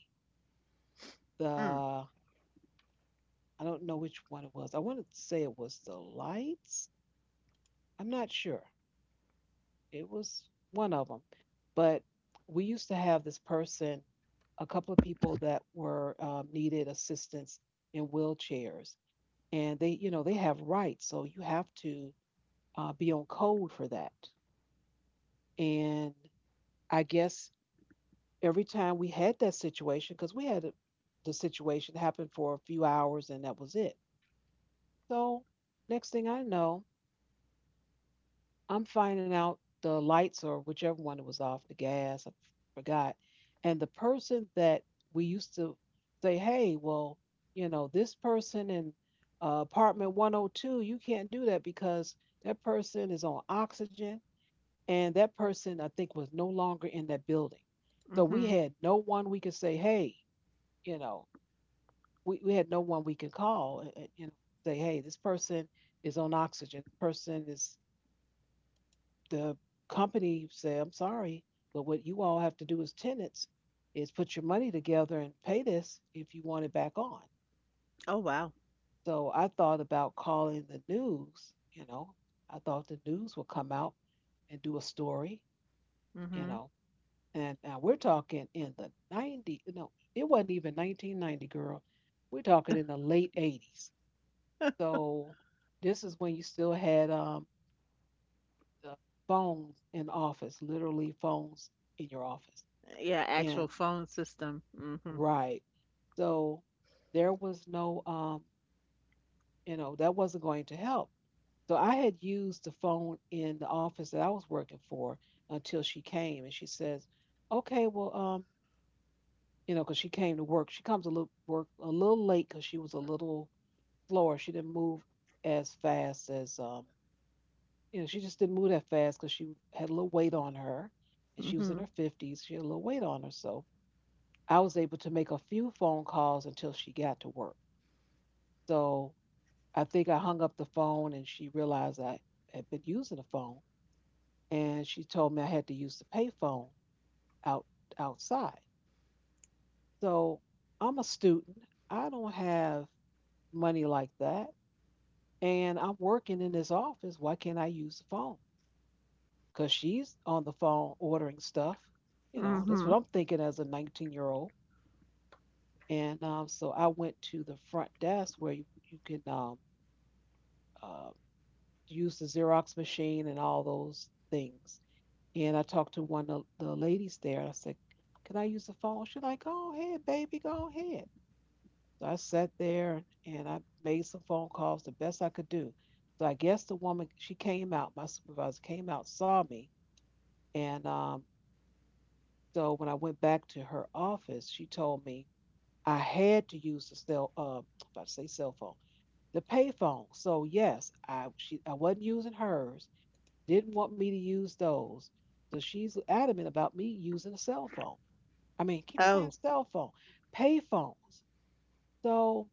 Mm. the I don't know which one it was. I wanted to say it was the lights. I'm not sure. It was one of them. But we used to have this person, a couple of people that were uh, needed assistance in wheelchairs, and they, you know, they have rights, so you have to uh, be on code for that. And I guess every time we had that situation, because we had a, the situation happen for a few hours and that was it. So next thing I know, I'm finding out the lights or whichever one it was off, the gas, I forgot. And the person that we used to say, hey, well, you know, this person in uh, apartment one oh two, you can't do that because that person is on oxygen, and that person, I think, was no longer in that building. So we Mm-hmm. had no one we could say, hey, you know, we, we had no one we could call and, and, you know, say, hey, this person is on oxygen, this person is the company say, I'm sorry, but what you all have to do as tenants is put your money together and pay this if you want it back on. Oh, wow. So I thought about calling the news, you know, I thought the news would come out and do a story, you Mm-hmm. know, and now we're talking in the nineties, no, it wasn't even nineteen ninety, girl. We're talking in the late eighties. So this is when you still had um, the phones in office, literally phones in your office. Yeah, actual And phone system. Mm-hmm. right. So there was no, um, you know, that wasn't going to help. So I had used the phone in the office that I was working for until she came and she says, okay, well, um, you know, because she came to work. She comes a little work a little late because she was a little slower. She didn't move as fast as, um, you know, she just didn't move that fast because she had a little weight on her, and she was in Mm-hmm. her fifties. She had a little weight on her. So I was able to make a few phone calls until she got to work. So I think I hung up the phone and she realized I had been using the phone, and she told me I had to use the payphone out outside. So I'm a student. I don't have money like that. And I'm working in this office. Why can't I use the phone? Because she's on the phone ordering stuff. You know, that's Mm-hmm. what I'm thinking as a nineteen year old. And um, so I went to the front desk where you, you can um, uh, use the Xerox machine and all those things. And I talked to one of the ladies there. I said, "Can I use the phone?" She's like, "Go ahead, baby, go ahead." So I sat there and I made some phone calls the best I could do. So I guess the woman, she came out, my supervisor came out, saw me. And um, so when I went back to her office, she told me I had to use the cell, uh, about to say cell phone, the pay phone. So yes, I she I wasn't using hers. Didn't want me to use those. So she's adamant about me using a cell phone. I mean, keep saying Oh, cell phone, pay phones. So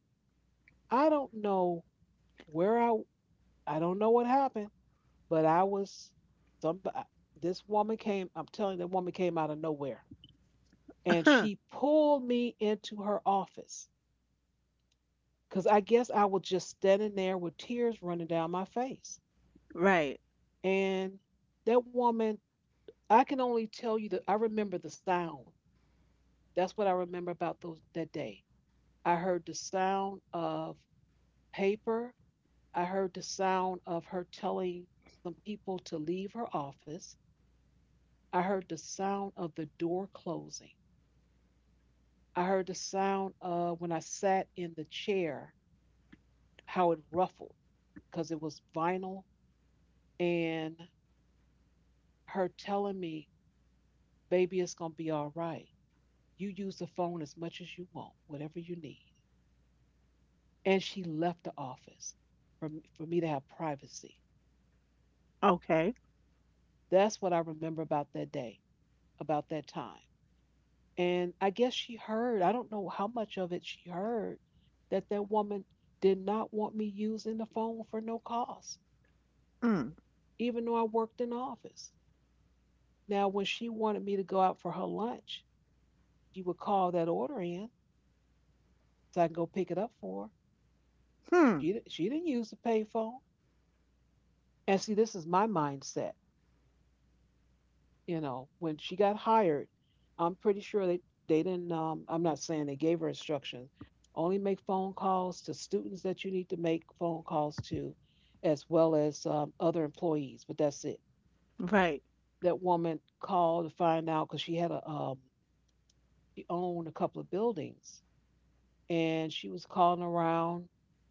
I don't know where I I don't know what happened, but I was some uh, this woman came, I'm telling you, the woman came out of nowhere <laughs> and huh. she pulled me into her office cuz I guess I was just standing there with tears running down my face. Right. And that woman, I can only tell you that I remember the sound. That's what I remember about those that day. I heard the sound of paper. I heard the sound of her telling some people to leave her office. I heard the sound of the door closing. I heard the sound of when I sat in the chair, how it ruffled because it was vinyl, and her telling me, baby, it's going to be all right. You use the phone as much as you want, whatever you need. And she left the office for, for me to have privacy. Okay. That's what I remember about that day, about that time. And I guess she heard, I don't know how much of it she heard, that that woman did not want me using the phone for no cost, even though I worked in office. Now, when she wanted me to go out for her lunch, she would call that order in so I can go pick it up for her. Mm-hmm. She, di- she didn't use the payphone. And see, this is my mindset. You know, when she got hired, I'm pretty sure they they didn't. Um, I'm not saying they gave her instructions. Only make phone calls to students that you need to make phone calls to, as well as um, other employees. But that's it. Right. That woman called to find out because she had a um, she owned a couple of buildings and she was calling around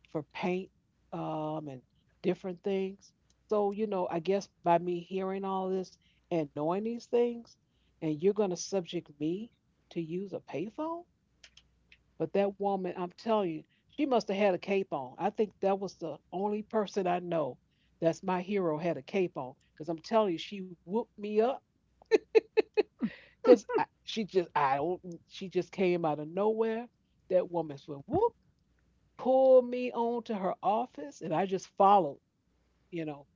for paint, um, and different things. So, you know, I guess by me hearing all this and knowing these things, and you're going to subject me to use a payphone? But that woman, I'm telling you, she must have had a cape on. I think that was the only person I know that's my hero had a cape on. Because I'm telling you, she whooped me up. Because she just, I don't, she just came out of nowhere. That woman's went whoop, pulled me onto her office and I just followed, you know.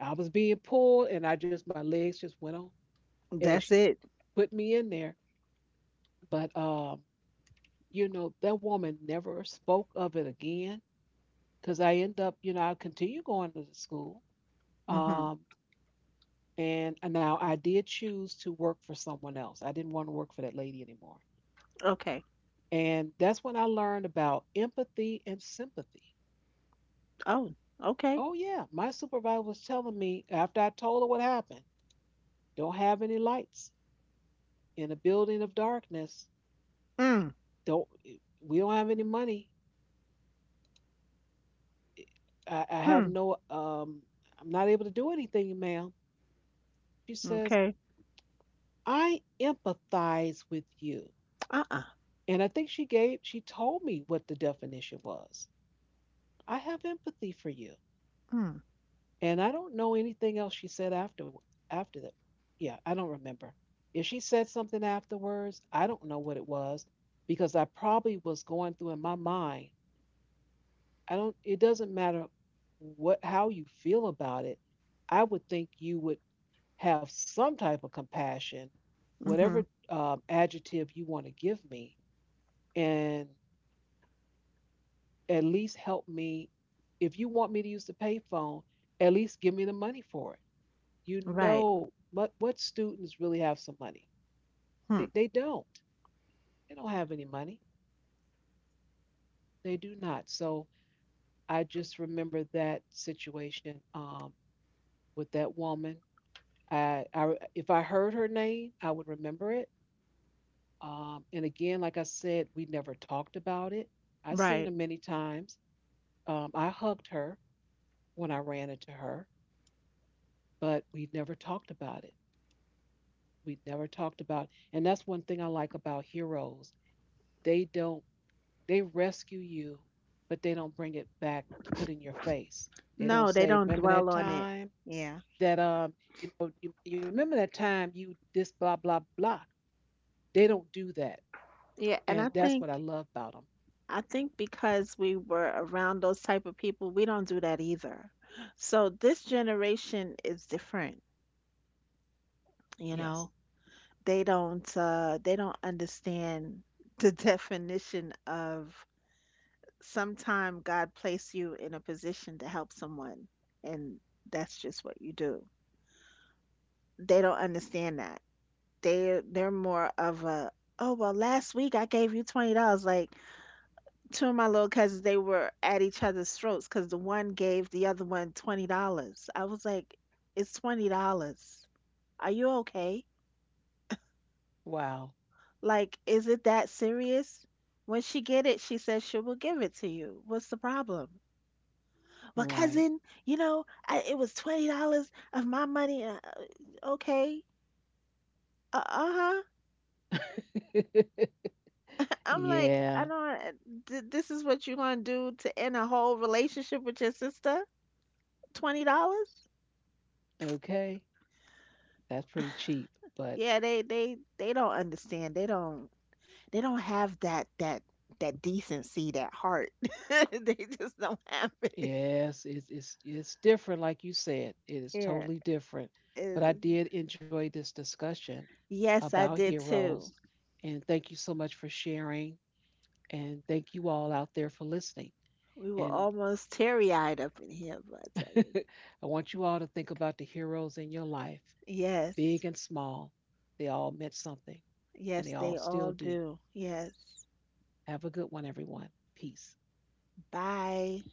I was being pulled and I just my legs just went on, and That's she it. put me in there. But um, you know, that woman never spoke of it again because I end up, you know, I continue going to the school. Mm-hmm. Um and and now I did choose to work for someone else. I didn't want to work for that lady anymore. Okay. And that's when I learned about empathy and sympathy. Oh, okay. Oh yeah, my supervisor was telling me after I told her what happened. Don't have any lights in a building of darkness. Mm-hmm. Don't We don't have any money. I, I have no um I'm not able to do anything, ma'am. She says, Okay. I empathize with you. Uh-uh. And I think she gave she told me what the definition was. I have empathy for you. Mm. And I don't know anything else she said after after that. Yeah, I don't remember. If she said something afterwards, I don't know what it was because I probably was going through in my mind I don't, it doesn't matter what, how you feel about it. I would think you would have some type of compassion, Mm-hmm. whatever um, adjective you want to give me, and at least help me. If you want me to use the payphone, at least give me the money for it. You Right. know, what what students really have some money? Hmm. They they don't. They don't have any money. They do not. So I just remember that situation, um, with that woman. I, I If I heard her name, I would remember it. Um, and again, like I said, we never talked about it. I seen Right. her many times. Um, I hugged her when I ran into her, but we never talked about it. We never talked about, and that's one thing I like about heroes. They don't, they rescue you, but they don't bring it back to put in your face. They don't No, they say, don't "Remember dwell that on it. time Yeah. that um, you know, you, you remember that time you this blah blah blah." They don't do that. Yeah, and I And that's what I think, love about them. I think because we were around those type of people, we don't do that either. So this generation is different, you Yes. know. They don't uh they don't understand the <laughs> definition of, sometime God placed you in a position to help someone, and that's just what you do. They don't understand that. They they're more of a, oh well, last week I gave you twenty dollars. Like, two of my little cousins, they were at each other's throats because the one gave the other one twenty dollars. I was like, it's twenty dollars. Are you okay? Wow. Like, is it that serious? When she get it, she says she will give it to you. What's the problem? Well, Right. cousin, you know, I, it was twenty dollars of my money. Uh, okay, uh huh. <laughs> I'm like, I Yeah. don't. uh, Th- this is what you gonna do to end a whole relationship with your sister? Twenty dollars? Okay. That's pretty cheap, but Yeah, they they they don't understand. They don't they don't have that that that decency, that heart. <laughs> They just don't have it. yes, it's it's it's different like you said. It is Yeah, totally different. it But I is. did enjoy this discussion Yes, I about did too. heroes, and thank you so much for sharing, and thank you all out there for listening. We were And almost teary-eyed up in here, but I tell you. <laughs> I want you all to think about the heroes in your life, Yes. big and small. They all meant something, and they Yes, all they all still do. do. Yes. Have a good one, everyone. Peace. Bye.